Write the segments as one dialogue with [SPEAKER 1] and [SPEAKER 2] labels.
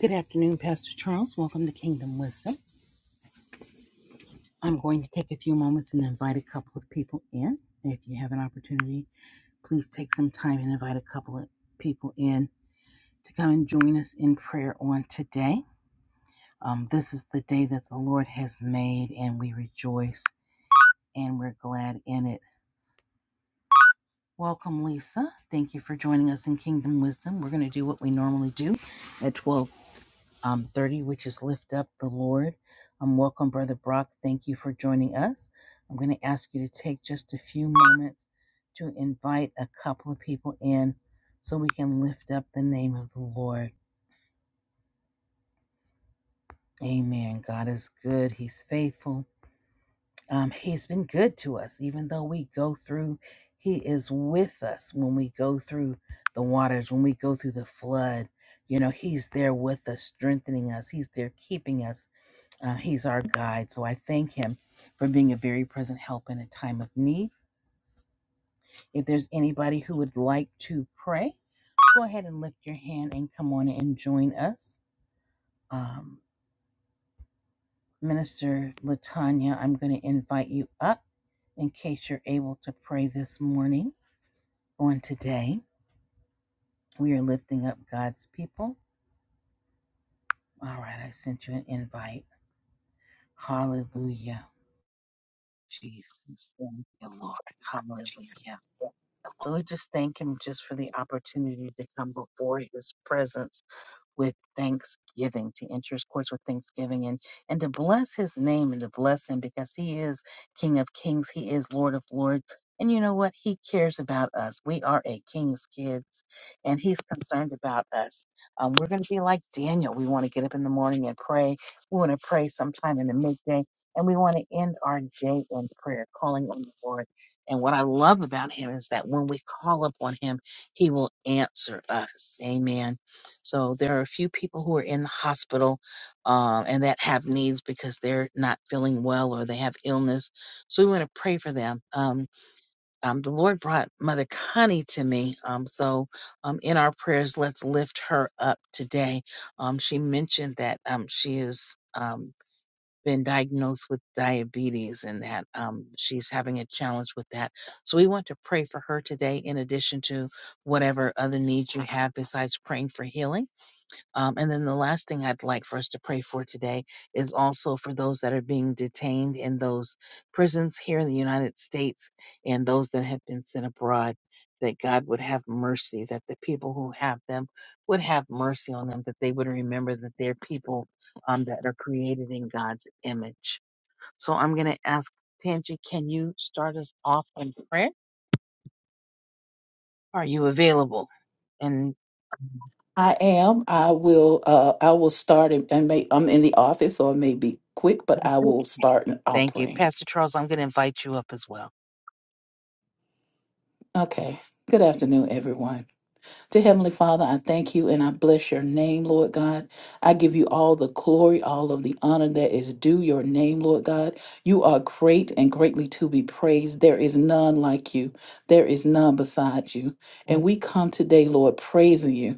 [SPEAKER 1] Good afternoon, Pastor Charles. Welcome to Kingdom Wisdom. I'm going to take a few moments and invite a couple of people in. If you have an opportunity, please take some time and invite a couple of people in to come and join us in prayer on today. Um, this is the day that the Lord has made, and we rejoice and we're glad in it. Welcome, Lisa. Thank you for joining us in Kingdom Wisdom. We're going to do what we normally do at twelve. um, 30, which is Lift Up the Lord. Um, welcome, Brother Brock. Thank you for joining us. I'm going to ask you to take just a few moments to invite a couple of people in so we can lift up the name of the Lord. Amen. God is good, He's faithful. Um, he's been good to us, even though we go through, He is with us when we go through the waters, when we go through the flood. You know, He's there with us, strengthening us, He's there keeping us. Uh, he's our guide. So I thank him for being a very present help in a time of need. If there's anybody who would like to pray, go ahead and lift your hand and come on and join us. Um, Minister Latanya, I'm going to invite you up in case you're able to pray this morning on today. We are lifting up God's people. All right, I sent you an invite. Hallelujah. Jesus, thank you, Lord. Hallelujah. So we just thank him just for the opportunity to come before his presence with thanksgiving, to enter his courts with thanksgiving and, and to bless his name and to bless him because he is King of kings. He is Lord of lords. And you know what? He cares about us. We are a king's kids and he's concerned about us. Um, we're going to be like Daniel. We want to get up in the morning and pray. We want to pray sometime in the midday and we want to end our day in prayer, calling on the Lord. And what I love about him is that when we call upon him, he will answer us. Amen. So there are a few people who are in the hospital um, and that have needs because they're not feeling well or they have illness. So we want to pray for them. Um, um, the Lord brought Mother Connie to me. Um, so um, in our prayers, let's lift her up today. Um, she mentioned that um, she has um, been diagnosed with diabetes and that um, she's having a challenge with that. So we want to pray for her today, in addition to whatever other needs you have besides praying for healing um, and then the last thing I'd like for us to pray for today is also for those that are being detained in those prisons here in the United States and those that have been sent abroad, that God would have mercy, that the people who have them would have mercy on them, that they would remember that they're people um, that are created in God's image. So I'm going to ask Tanji, can you start us off in prayer? Are you available? And
[SPEAKER 2] I am. I will. Uh, I will start and, and may. I'm in the office, so it may be quick, but I will start and I'll
[SPEAKER 1] thank you.
[SPEAKER 2] pray.
[SPEAKER 1] Pastor Charles, I'm going to invite you up as well.
[SPEAKER 2] Okay. Good afternoon, everyone. Dear Heavenly Father, I thank you and I bless your name, Lord God. I give you all the glory, all of the honor that is due your name, Lord God. You are great and greatly to be praised. There is none like you, there is none beside you. And we come today, Lord, praising you.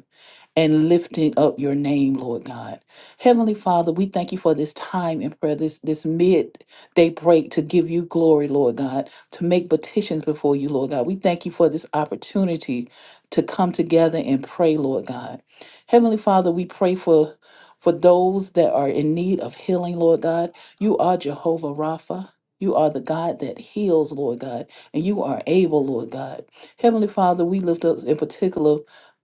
[SPEAKER 2] and lifting up your name, Lord God. Heavenly Father, we thank you for this time in prayer, this, this midday break to give you glory, Lord God, to make petitions before you, Lord God. We thank you for this opportunity to come together and pray, Lord God. Heavenly Father, we pray for for those that are in need of healing, Lord God. You are Jehovah Rapha. You are the God that heals, Lord God, and you are able, Lord God. Heavenly Father, we lift up in particular.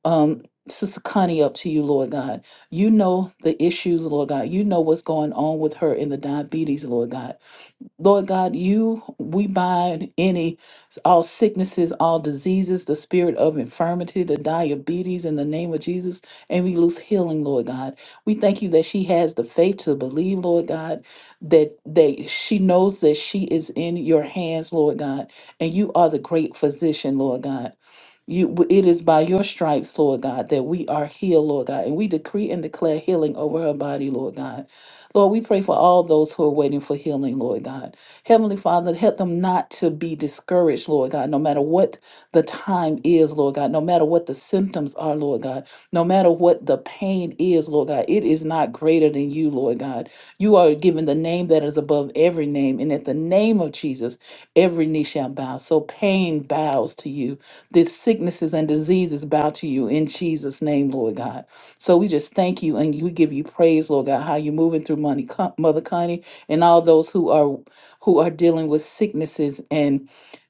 [SPEAKER 2] um, Sister Connie up to you, Lord God. You know the issues, Lord God. You know what's going on with her in the diabetes, Lord God. Lord God, you, we bind any, all sicknesses, all diseases, the spirit of infirmity, the diabetes in the name of Jesus, and we lose healing, Lord God. We thank you that she has the faith to believe, Lord God, that, that she knows that she is in your hands, Lord God, and you are the great physician, Lord God. You, w- it is by your stripes, Lord God, that we are healed, Lord God, and we decree and declare healing over her body, Lord God. Lord, we pray for all those who are waiting for healing, Lord God. Heavenly Father, help them not to be discouraged, Lord God, no matter what the time is, Lord God, no matter what the symptoms are, Lord God, no matter what the pain is, Lord God, it is not greater than you, Lord God. You are given the name that is above every name, and at the name of Jesus, every knee shall bow. So pain bows to you that sicknesses and diseases bow to you in Jesus' name, Lord God. So we just thank you and we give you praise, Lord God, how you're moving through money, Mother Connie and all those who are who are dealing with sicknesses and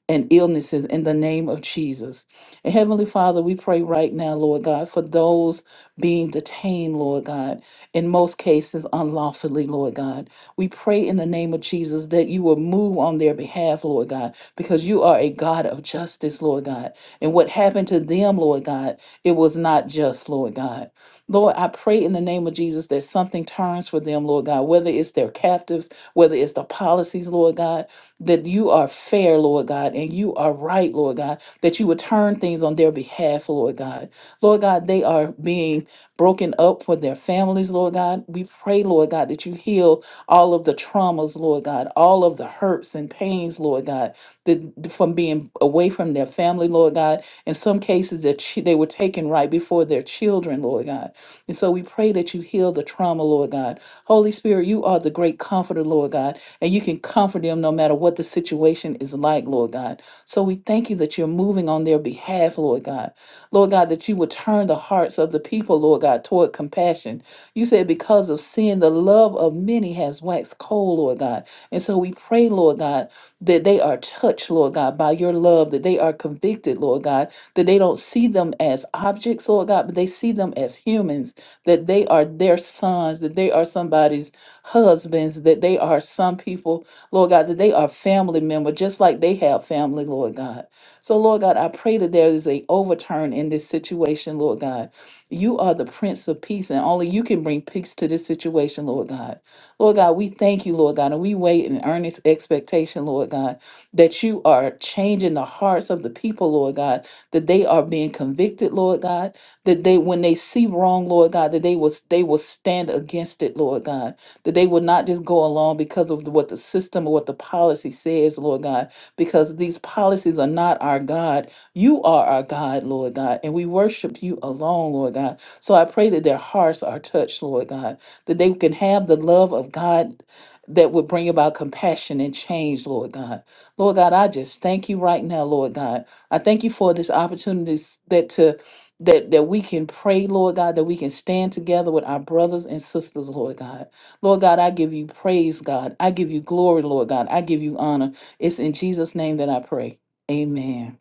[SPEAKER 2] and illnesses in the name of Jesus. And Heavenly Father, we pray right now, Lord God, for those being detained, Lord God, in most cases unlawfully, Lord God. We pray in the name of Jesus that you will move on their behalf, Lord God, because you are a God of justice, Lord God. And what happened to them, Lord God, it was not just, Lord God. Lord, I pray in the name of Jesus that something turns for them, Lord God, whether it's their captives, whether it's the policies, Lord God, that you are fair, Lord God, and you are right, Lord God, that you would turn things on their behalf, Lord God. Lord God, they are being broken up for their families, Lord God. We pray, Lord God, that you heal all of the traumas, Lord God, all of the hurts and pains, Lord God, that from being away from their family, Lord God. In some cases, that chi- they were taken right before their children, Lord God. And so we pray that you heal the trauma, Lord God. Holy Spirit, you are the great comforter, Lord God and you can comfort them no matter what the situation is like, Lord God. So we thank you that you're moving on their behalf, Lord God. Lord God, that you would turn the hearts of the people, Lord God, toward compassion. You said, because of sin, the love of many has waxed cold, Lord God. And so we pray, Lord God, that they are touched, Lord God, by your love, that they are convicted, Lord God, that they don't see them as objects, Lord God, but they see them as humans, that they are their sons, that they are somebody's husbands, that they are some people, Lord God, that they are family member, just like they have family, Lord God. So, Lord God, I pray that there is a overturn in this situation, Lord God. You are the Prince of Peace, and only you can bring peace to this situation, Lord God. Lord God, we thank you, Lord God, and we wait in earnest expectation, Lord God, that you are changing the hearts of the people, Lord God, that they are being convicted, Lord God, that they when they see wrong, Lord God, that they will they will stand against it, Lord God that they will not just go along because of what the system or what the policy says, Lord God, because these policies are not our God. You are our God, Lord God, and we worship you alone, Lord God. So I pray that their hearts are touched, Lord God, that they can have the love of God that would bring about compassion and change, Lord God. Lord God, I just thank you right now, Lord God. I thank you for this opportunity that to that that we can pray, Lord God, that we can stand together with our brothers and sisters, Lord God. Lord God, I give you praise, God. I give you glory, Lord God. I give you honor. It's in Jesus' name that I pray. Amen.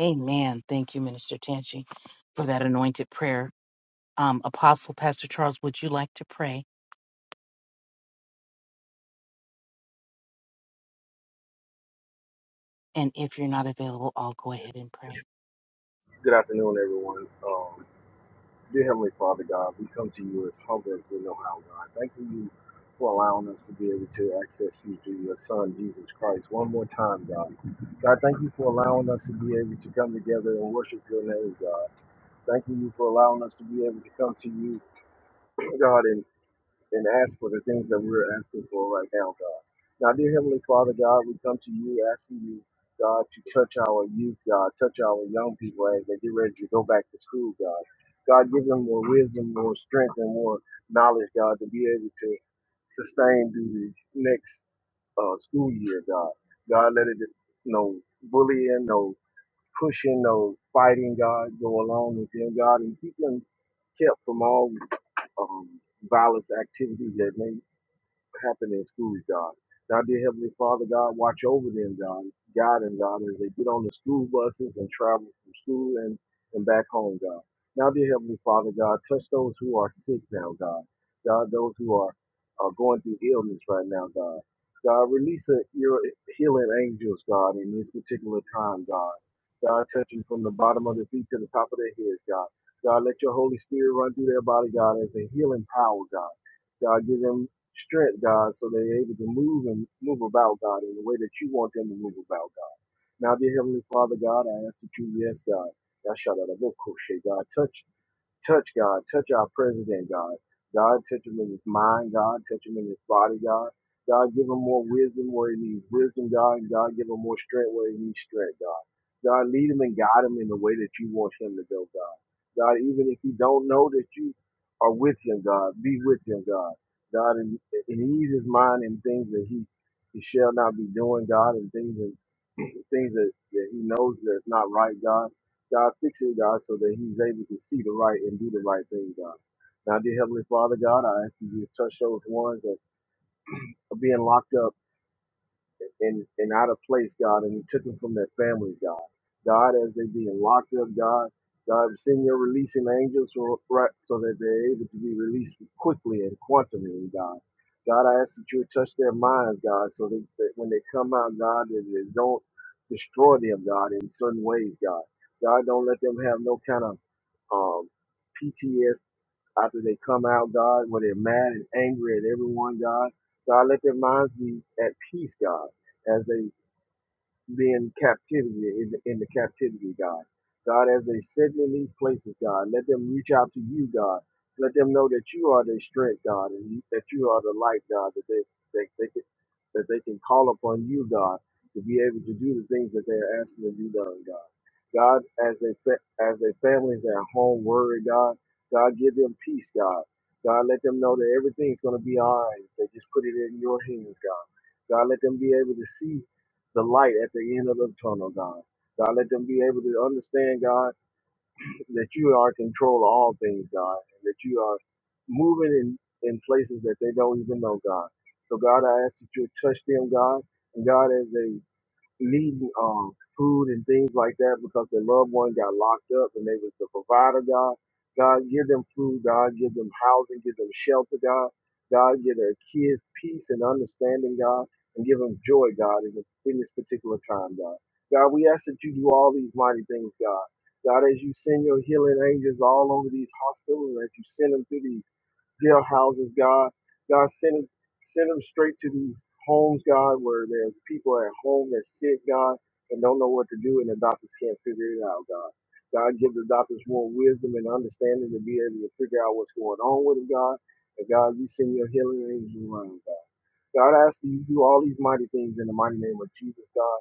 [SPEAKER 1] Amen. Thank you, Minister Tanchi, for that anointed prayer. Um, Apostle Pastor Charles, would you like to pray? And if you're not available, I'll go ahead and pray.
[SPEAKER 3] Good afternoon, everyone. Um, dear Heavenly Father God, we come to you as humble as we know how, God. Thanking you for allowing us to be able to access you through your Son, Jesus Christ, one more time, God. God, thank you for allowing us to be able to come together and worship your name, God. Thanking you for allowing us to be able to come to you, God, And and ask for the things that we're asking for right now, God. Now, dear Heavenly Father, God, we come to you asking you, God, to touch our youth, God, touch our young people as they get ready to go back to school, God. God, give them more wisdom, more strength, and more knowledge, God, to be able to sustain through the next uh, school year, God. God, let it, no bullying, no pushing or fighting God, go along with them, God, and keep them kept from all um, violence activities that may happen in schools, God. Now, dear Heavenly Father, God, watch over them, God. Guide them, God, as they get on the school buses and travel from school and, and back home, God. Now, dear Heavenly Father, God, touch those who are sick now, God. God, those who are, are going through illness right now, God. God, release a, your healing angels, God, in this particular time, God. God, touching from the bottom of their feet to the top of their heads, God. God, let your Holy Spirit run through their body, God, as a healing power, God. God, give them strength, God, so they're able to move and move about, God, in the way that you want them to move about, God. Now, dear Heavenly Father, God, I ask that you, yes, God, Yashadadabokoshe, God, touch. Touch God. Touch our president, God. God, touch him in his mind, God. Touch him in his body, God. God, give him more wisdom where he needs wisdom, God. And God, give him more strength where he needs strength, God. God, lead him and guide him in the way that you want him to go, God. God, even if you don't know that you are with him, God, be with him, God. God, and, and ease his mind in things that he, he shall not be doing, God, and things that things that, that he knows that's not right, God. God, fix it, God, so that he's able to see the right and do the right thing, God. Now, dear Heavenly Father, God, I ask you to touch those ones that are being locked up and, and out of place, God, and you took them from their families, God. God, as they being locked up, God, God, send your releasing angels so, right, so that they're able to be released quickly and quantumly, God. God, I ask that you would touch their minds, God, so that, that when they come out, God, that they don't destroy them, God, in certain ways, God. God, don't let them have no kind of um, PTS after they come out, God, where they're mad and angry at everyone, God. God, let their minds be at peace, God, as they being captivity in the, in the captivity, God. God, as they sit in these places, God, let them reach out to you, God. Let them know that you are their strength, God, and you, that you are the light, God, that they, they, they can, that they can call upon you, God, to be able to do the things that they are asking to be done, God. God, as they fa- as their families are at home worried, God, God, give them peace, God. God, let them know that everything's going to be all right. They just put it in your hands, God. God, let them be able to see the light at the end of the tunnel, God. God, let them be able to understand, God, that you are in control of all things, God, and that you are moving in, in places that they don't even know, God. So, God, I ask that you touch them, God. And God, as they needing um food and things like that because their loved one got locked up and they was the provider God. God give them food, God give them housing, give them shelter, God. God give their kids peace and understanding, God, and give them joy, God, in this, in this particular time, God. God, we ask that you do all these mighty things, God. God, as you send your healing angels all over these hospitals, as you send them through these jail houses, God. God, send Send them straight to these homes, God, where there's people at home that's sick, God, and don't know what to do, and the doctors can't figure it out, God. God, give the doctors more wisdom and understanding to be able to figure out what's going on with them, God. And God, you send your healing angels around, God. God, I ask that you do all these mighty things in the mighty name of Jesus, God.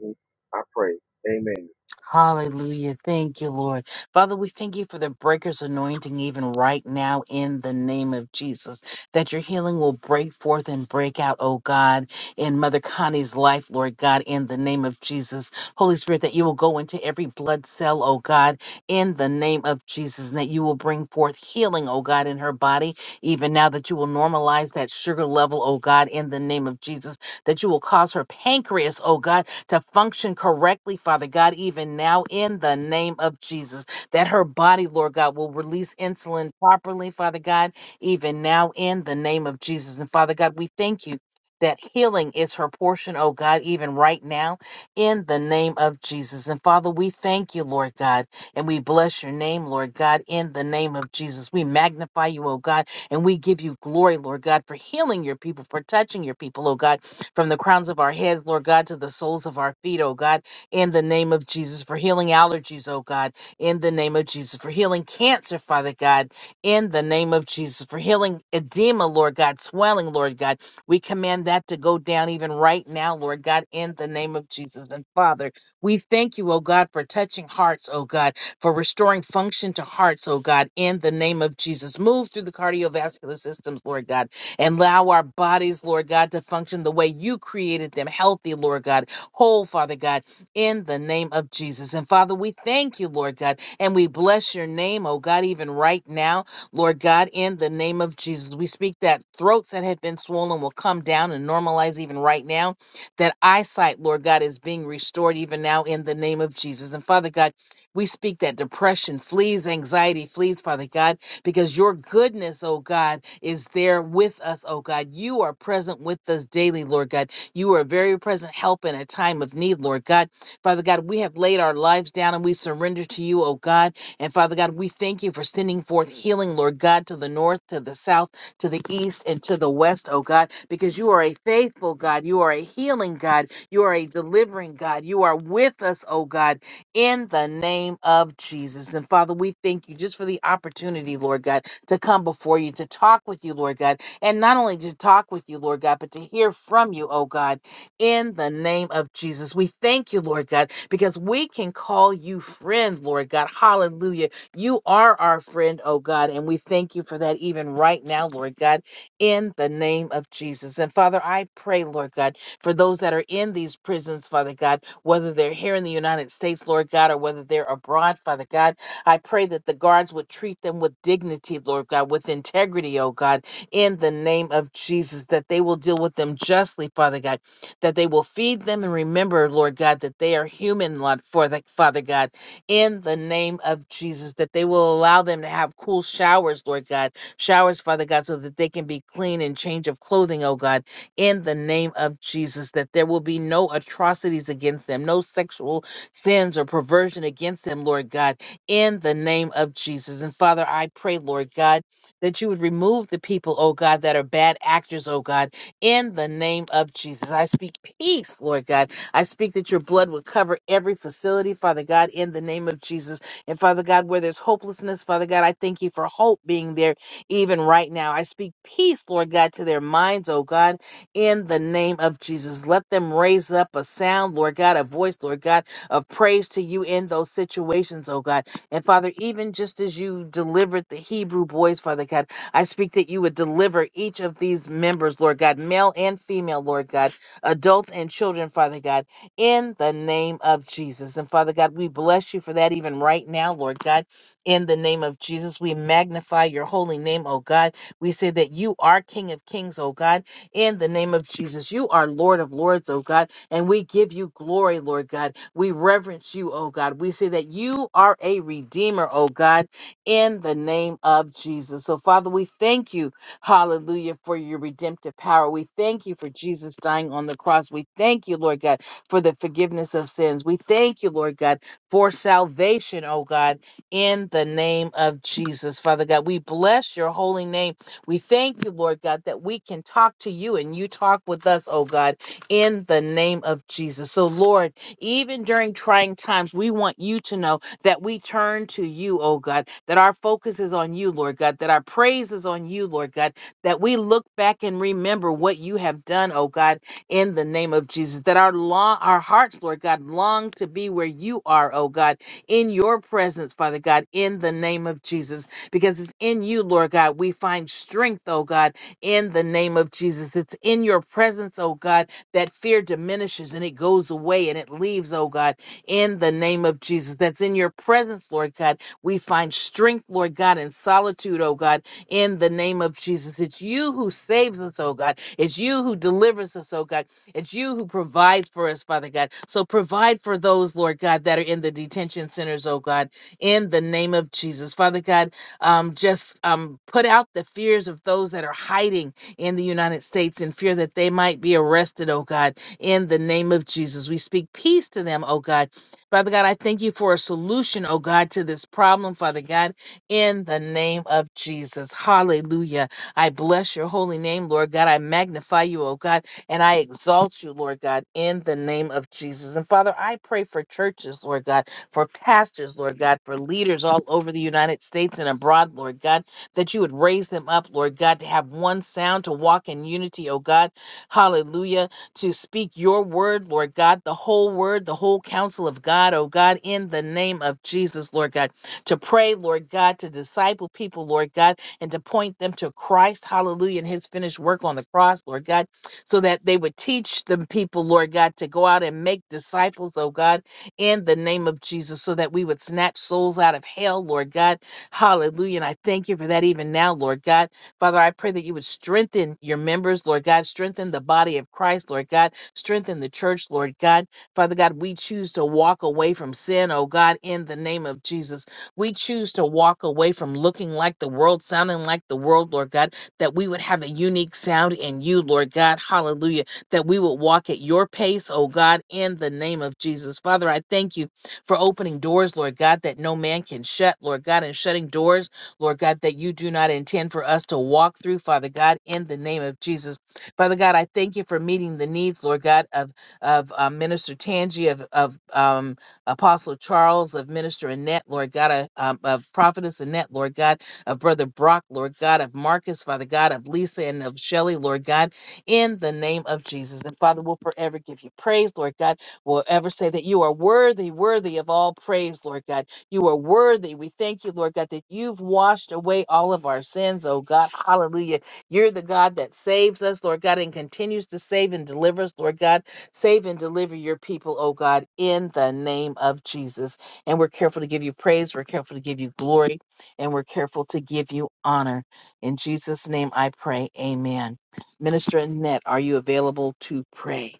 [SPEAKER 3] And I pray. Amen.
[SPEAKER 1] Hallelujah. Thank you, Lord. Father, we thank you for the breaker's anointing even right now in the name of Jesus, that your healing will break forth and break out, oh God, in Mother Connie's life, Lord God, in the name of Jesus. Holy Spirit, that you will go into every blood cell, oh God, in the name of Jesus, and that you will bring forth healing, oh God, in her body, even now that you will normalize that sugar level, oh God, in the name of Jesus, that you will cause her pancreas, oh God, to function correctly, Father God, even now in the name of Jesus. That her body, Lord God, will release insulin properly, Father God, even now in the name of Jesus. And Father God, we thank you. That healing is her portion, oh God, even right now, in the name of Jesus. And Father, we thank you, Lord God, and we bless your name, Lord God, in the name of Jesus. We magnify you, oh God, and we give you glory, Lord God, for healing your people, for touching your people, oh God from the crowns of our heads, Lord God, to the soles of our feet, oh God, in the name of Jesus, for healing allergies, oh God, in the name of Jesus, for healing cancer, Father God, in the name of Jesus, for healing edema, Lord God, swelling, Lord God. We command that to go down even right now, Lord God, in the name of Jesus. And Father, we thank you, oh God, for touching hearts, oh God, for restoring function to hearts, oh God, in the name of Jesus. Move through the cardiovascular systems, Lord God and allow our bodies, Lord God, to function the way you created them, healthy, Lord God, whole, Father God, in the name of Jesus. And Father, we thank you, Lord God, and we bless your name, oh God, even right now, Lord God, in the name of Jesus. We speak that throats that have been swollen will come down and normalize even right now, that eyesight, Lord God, is being restored even now in the name of Jesus. And Father God, we speak that depression flees, anxiety flees, Father God because your goodness, oh God, is there with us, oh God. You are present with us daily, Lord God. You are a very present help in a time of need, Lord God. Father God, we have laid our lives down and we surrender to you, oh God. And Father God, we thank you for sending forth healing, Lord God, to the north, to the south, to the east, and to the west, oh God, because you are a faithful God. You are a healing God. You are a delivering God. You are with us, oh God in the name of Jesus. And Father, we thank you just for the opportunity, Lord God, to come before you, to talk with you, Lord God, and not only to talk with you, Lord God, but to hear from you, oh God, in the name of Jesus. We thank you, Lord God, because we can call you friend, Lord God. Hallelujah. You are our friend, oh God, and we thank you for that even right now, Lord God, in the name of Jesus. And Father, I pray, Lord God for those that are in these prisons, Father God, whether they're here in the United States, Lord God, or whether they're abroad, Father God. I pray that the guards would treat them with dignity, Lord God, with integrity, oh God, in the name of Jesus, that they will deal with them justly, Father God, that they will feed them and remember, Lord God, that they are human, Lord, for the, Father God, in the name of Jesus, that they will allow them to have cool showers, Lord God, showers, Father God, so that they can be clean and change of clothing, oh God, in the name of Jesus, that there will be no atrocities against them, no sexual sins or perversion against them, Lord God, in the name of Jesus. And Father, I pray, Lord God, that you would remove the people, oh God, that are bad actors, oh God, in the name of Jesus. I speak peace, Lord God. I speak that your blood would cover every facility, Father God, in the name of Jesus. And Father God, where there's hopelessness, Father God, I thank you for hope being there even right now. I speak peace, Lord God, to their minds, oh God in the name of Jesus. Let them raise up a sound, Lord God, a voice, Lord God, of praise to you in those situations, oh God. And Father, even just as you delivered the Hebrew boys, Father God, I speak that you would deliver each of these members, Lord God, male and female, Lord God, adults and children, Father God, in the name of Jesus. And Father God, we bless you for that even right now, Lord God, in the name of Jesus. We magnify your holy name, oh God. We say that you are King of Kings, oh God in the name of Jesus. You are Lord of Lords, oh God, and we give you glory, Lord God. We reverence you, oh God. We say that you are a redeemer, oh God, in the name of Jesus. So, Father, we thank you, hallelujah, for your redemptive power. We thank you for Jesus dying on the cross. We thank you, Lord God, for the forgiveness of sins. We thank you, Lord God, for salvation, oh God, in the name of Jesus. Father God, we bless your holy name we thank you, Lord God, that we can talk to you and you talk with us, oh God, in the name of Jesus. So, Lord, even during trying times, we want you to know that we turn to you, oh God, that our focus is on you, Lord God, that our praise is on you, Lord God, that we look back and remember what you have done, oh God, in the name of Jesus, that our long, our hearts, Lord God, long to be where you are, oh God, in your presence, Father God, in the name of Jesus because it's in you, Lord God. We find strength, oh God, in the name of Jesus. It's in your presence, oh God, that fear diminishes and it goes away and it leaves, oh God, in the name of Jesus. That's in your presence, Lord God. We find strength, Lord God, in solitude, oh God, in the name of Jesus. It's you who saves us, oh God. It's you who delivers us, oh God. It's you who provides for us, Father God. So provide for those, Lord God, that are in the detention centers, oh God, in the name of Jesus. Father God, um, just um, put out the fears of those that are hiding in the United States in fear that they might be arrested, oh God, in the name of Jesus. We speak peace to them, oh God. Father God, I thank you for a solution, oh God, to this problem, Father God, in the name of Jesus. Hallelujah. I bless your holy name, Lord God. I magnify you, oh God, and I exalt you, Lord God, in the name of Jesus. And Father, I pray for churches, Lord God for pastors, Lord God, for leaders all over the United States and abroad, Lord God, that you would raise them up, Lord God, to have one sound, to walk in unity, oh God. Hallelujah. To speak your word, Lord God, the whole word, the whole counsel of God, oh God, in the name of Jesus, Lord God. To pray, Lord God, to disciple people, Lord God, and to point them to Christ, hallelujah, and his finished work on the cross, Lord God so that they would teach them people, Lord God, to go out and make disciples, oh God in the name of Jesus so that we would snatch souls out of hell, Lord God. Hallelujah. And I thank you for that even now, Lord God. Father, I pray that you would strengthen your members, Lord God. Strengthen the body of Christ, Lord God. Strengthen the church, Lord God. Father God, we choose to walk away from sin, oh God, in the name of Jesus. We choose to walk away from looking like the world, sounding like the world, Lord God, that we would have a unique sound in you, Lord God. Hallelujah that we would walk at your pace, oh God, in the name of Jesus. Father, I thank you for opening doors, Lord God, that no man can shut, Lord God, and shutting doors, Lord God, that you do not intend for us to walk through, Father God, in the name of Jesus. Father God, I thank you for meeting the needs, Lord God, of of uh, Minister Tangi, of of um, Apostle Charles, of Minister Annette, Lord God, uh, um, of Prophetess Annette, Lord God, of Brother Brock, Lord God, of Marcus, Father God, of Lisa and of Shelley, Lord God in the name of Jesus. And Father, we'll forever give you praise, Lord God. We'll ever say that you are worthy, worthy of all praise, Lord God. You are worthy. We thank you, Lord God, that you've washed away all of our sins, oh God. Hallelujah. You're the God that saves us, Lord God, and continues to save and deliver us, Lord God. Save and deliver your people, oh God, in the name of Jesus. And we're careful to give you praise. We're careful to give you glory. And we're careful to give you honor. In Jesus' name I pray. Amen. Minister Annette, are you available to pray?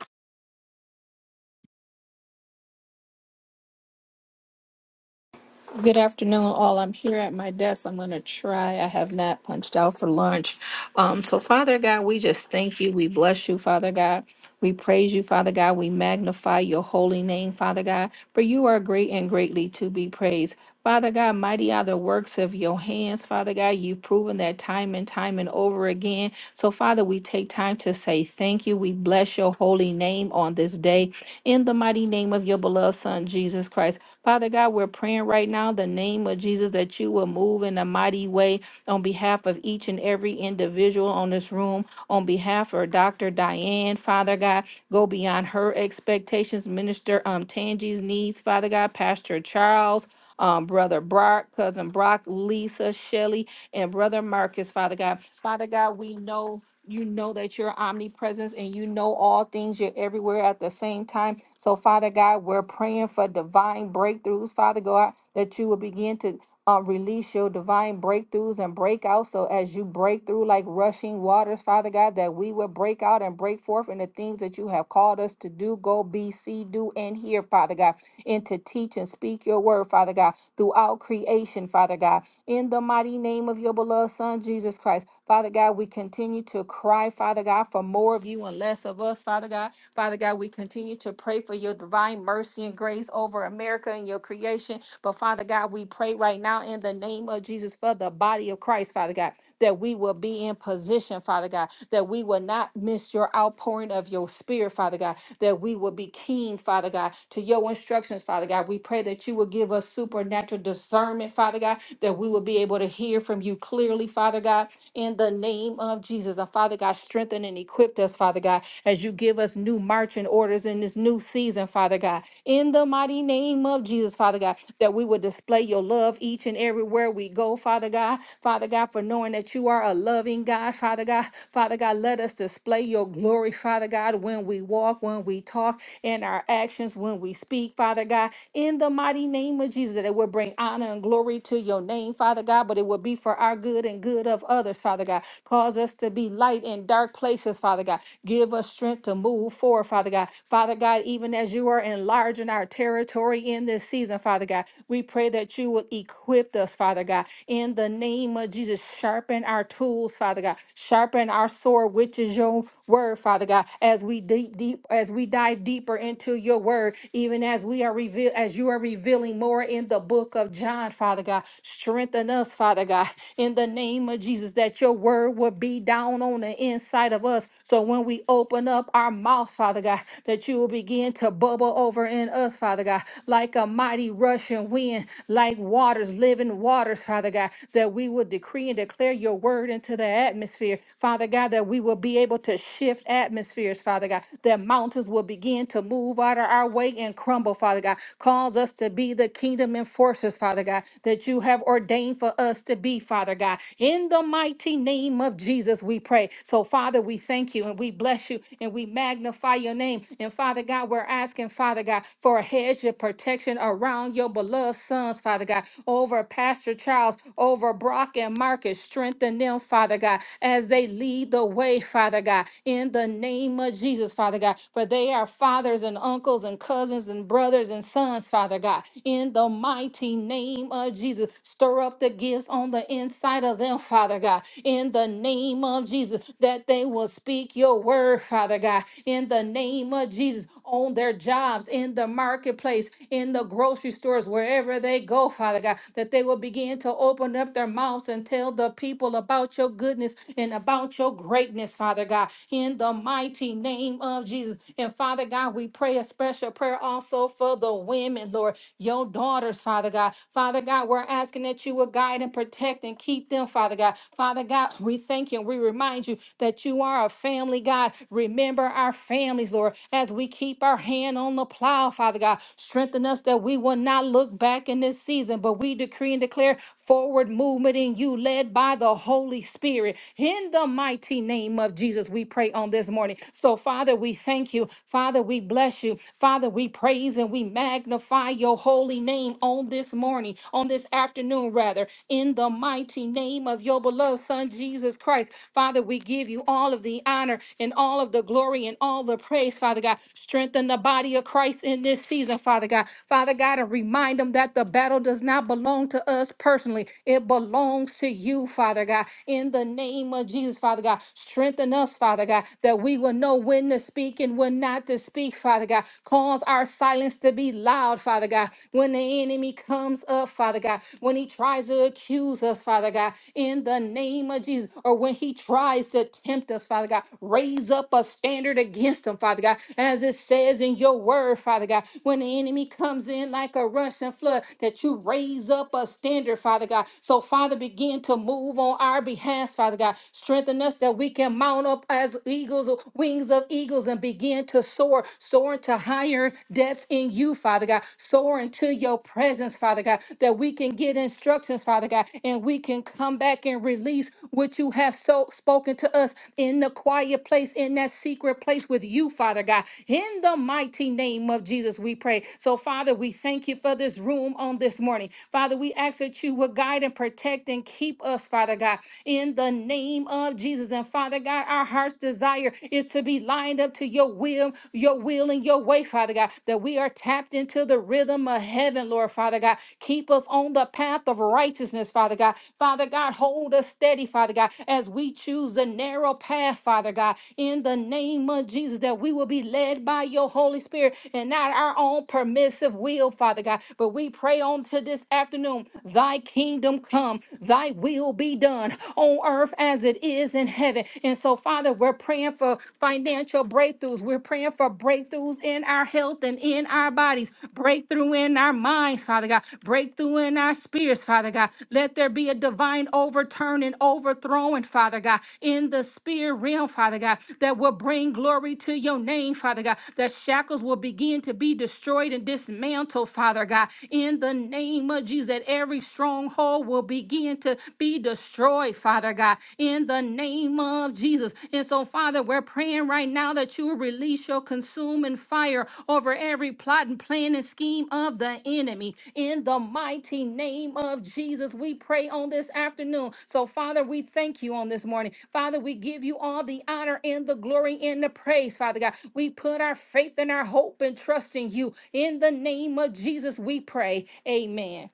[SPEAKER 4] Good afternoon, all. I'm here at my desk. I'm going to try. I have not punched out for lunch. Um, so, Father God, we just thank you. We bless you, Father God. We praise you, Father God. We magnify your holy name, Father God, for you are great and greatly to be praised. Father God, mighty are the works of your hands, Father God. You've proven that time and time and over again. So, Father, we take time to say thank you. We bless your holy name on this day in the mighty name of your beloved Son, Jesus Christ. Father God, we're praying right now in the name of Jesus that you will move in a mighty way on behalf of each and every individual on this room, on behalf of Dr. Diane, Father God, go beyond her expectations, Minister um Tangi's needs, Father God, Pastor Charles. Um, brother Brock, cousin Brock, Lisa, Shelley, and brother Marcus, Father God. Father God, we know you know that you're omnipresent and you know all things. You're everywhere at the same time. So, Father God, we're praying for divine breakthroughs, Father God, that you will begin to uh, release your divine breakthroughs and breakouts. So, as you break through like rushing waters, Father God, that we will break out and break forth in the things that you have called us to do, go be, see, do, and hear, Father God, and to teach and speak your word, Father God, throughout creation, Father God in the mighty name of your beloved Son, Jesus Christ. Father God, we continue to cry, Father God, for more of you and less of us, Father God. Father God, we continue to pray for your divine mercy and grace over America and your creation. But Father God, we pray right now in the name of Jesus for the body of Christ, Father God, that we will be in position, Father God, that we will not miss your outpouring of your spirit, Father God, that we will be keen, Father God, to your instructions, Father God. We pray that you will give us supernatural discernment, Father God, that we will be able to hear from you clearly, Father God, in the name of Jesus. And Father God, strengthen and equip with us, Father God, as you give us new marching orders in this new season, Father God. In the mighty name of Jesus, Father God, that we will display your love each and everywhere we go, Father God. Father God, for knowing that you are a loving God, Father God. Father God, let us display your glory, Father God, when we walk, when we talk, in our actions, when we speak, Father God. In the mighty name of Jesus, that it will bring honor and glory to your name, Father God, but it will be for our good and good of others, Father God. Cause us to to be light in dark places, Father God. Give us strength to move forward, Father God. Father God, even as you are enlarging our territory in this season, Father God, we pray that you will equip us, Father God. In the name of Jesus, sharpen our tools, Father God. Sharpen our sword, which is your word, Father God, as we deep, deep, as we dive deeper into your word, even as we are revealed, as you are revealing more in the book of John, Father God. Strengthen us, Father God, in the name of name of Jesus that your word would be down on the inside of us. So when we open up our mouths, Father God, that you will begin to bubble over in us, Father God, like a mighty rushing wind, like waters, living waters, Father God, that we will decree and declare your word into the atmosphere, Father God, that we will be able to shift atmospheres, Father God, that mountains will begin to move out of our way and crumble, Father God. Cause us to be the kingdom enforcers, Father God, that you have ordained for for us to be, Father God. In the mighty name of Jesus, we pray. So, Father, we thank you and we bless you and we magnify your name. And, Father God, we're asking, Father God, for a hedge of protection around your beloved sons, Father God, over Pastor Charles, over Brock and Marcus. Strengthen them, Father God, as they lead the way, Father God, in the name of Jesus, Father God. For they are fathers and uncles and cousins and brothers and sons, Father God, in the mighty name name of Jesus. Stir up the gifts on the inside of them, Father God. In the name of Jesus, that they will speak your word, Father God. In the name of Jesus, on their jobs, in the marketplace, in the grocery stores, wherever they go, Father God, that they will begin to open up their mouths and tell the people about your goodness and about your greatness, Father God. In the mighty name of Jesus. And Father God, we pray a special prayer also for the women, sons, Lord, your daughters, Father God. Father God, we're asking that you will guide and protect and keep them, Father God. Father God, we thank you and we remind you that you are a family, God. Remember our families, Lord, as we keep our hand on the plow, Father God. Strengthen us that we will not look back in this season, but we decree and declare forward movement in you, led by the Holy Spirit. In the mighty name of Jesus, we pray on this morning. So, Father, we thank you. Father, we bless you. Father, Father, we praise and we magnify your holy name on this morning, on this afternoon, rather, in the mighty name of your beloved Son, Jesus Christ. Father, we give you all of the honor and all of the glory and all the praise, Father God. Strengthen the body of Christ in this season, Father God. Father God, and remind them that the battle does not belong to us personally, it belongs to you, Father God. In the name of Jesus, Father God, strengthen us, Father God, that we will know when to speak and when will not to speak, Father God. Cause our silence to be loud, Father God. When the enemy comes up, Father God, when he tries to accuse us, Father God, in the name of Jesus, or when he tries to tempt us, Father God, raise up a standard against him, Father God, as it says in your word, Father God. When the enemy comes in like a rushing flood, that you raise up a standard, Father God. So, Father, begin to move on our behalf, Father God. Strengthen us that we can mount up as eagles eagles, wings of eagles, and begin to soar, soar into higher depths in you, Father God, soar into your presence, Father God, that we can get instructions, Father God, and we can come back and release what you have so spoken to us in the quiet place, in that secret place with you, Father God. In the mighty name of Jesus, we pray. So, Father, we thank you for this room on this morning. Father, we ask that you would guide and protect and keep us, Father God, in the name of Jesus. Jesus. And Father God, our heart's desire is to be lined up to your will, your will and your way, Father God, that we are tapped into the rhythm of heaven, Lord Father God. Keep us on the path of righteousness, Father God. Father God, hold us steady, Father God, as we choose the narrow path, Father God, in the name of Jesus, that we will be led by your Holy Spirit and not our own permissive will, Father God. But we pray on to this afternoon, thy kingdom come, thy will be done done on earth as it is in heaven. And so, Father, we're praying for financial breakthroughs. We're praying for breakthroughs in our health and in our bodies, breakthrough in our minds, Father God, breakthrough in our spirits, Father God. Let there be a divine overturning, overthrowing, Father God, in the spirit realm, Father God, that will bring glory to your name, Father God, that shackles will begin to be destroyed and dismantled, Father God, in the name of Jesus, that every stronghold will will begin to be destroyed, Father God, in the name of Jesus. And so, Father, we're praying right now that you will release your consuming fire over every plot and plan and scheme of the enemy. In the mighty name of Jesus, we pray on this afternoon. So, Father, we thank you on this morning. Father, we give you all the honor and the glory and the praise, Father God. We put our faith and our hope and trust in you. In the name of Jesus, we pray. Amen.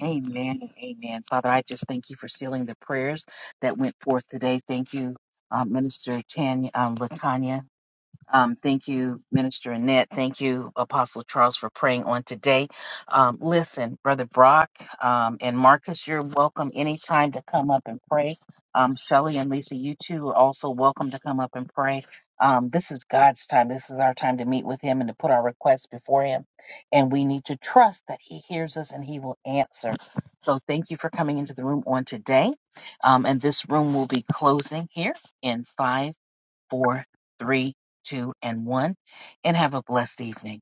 [SPEAKER 1] Amen and amen. Father, I just thank you for sealing the prayers that went forth today. Thank you, uh, Minister Tanya, um, Latanya. Um, thank you, Minister Annette. Thank you, Apostle Charles, for praying on today. Um, listen, Brother Brock um, and Marcus, you're welcome anytime to come up and pray. Um, Shelly and Lisa, you too are also welcome to come up and pray. Um, this is God's time. This is our time to meet with Him and to put our requests before Him. And we need to trust that He hears us and He will answer. So thank you for coming into the room on today. Um, and this room will be closing here in five four, three, two, and one. And have a blessed evening.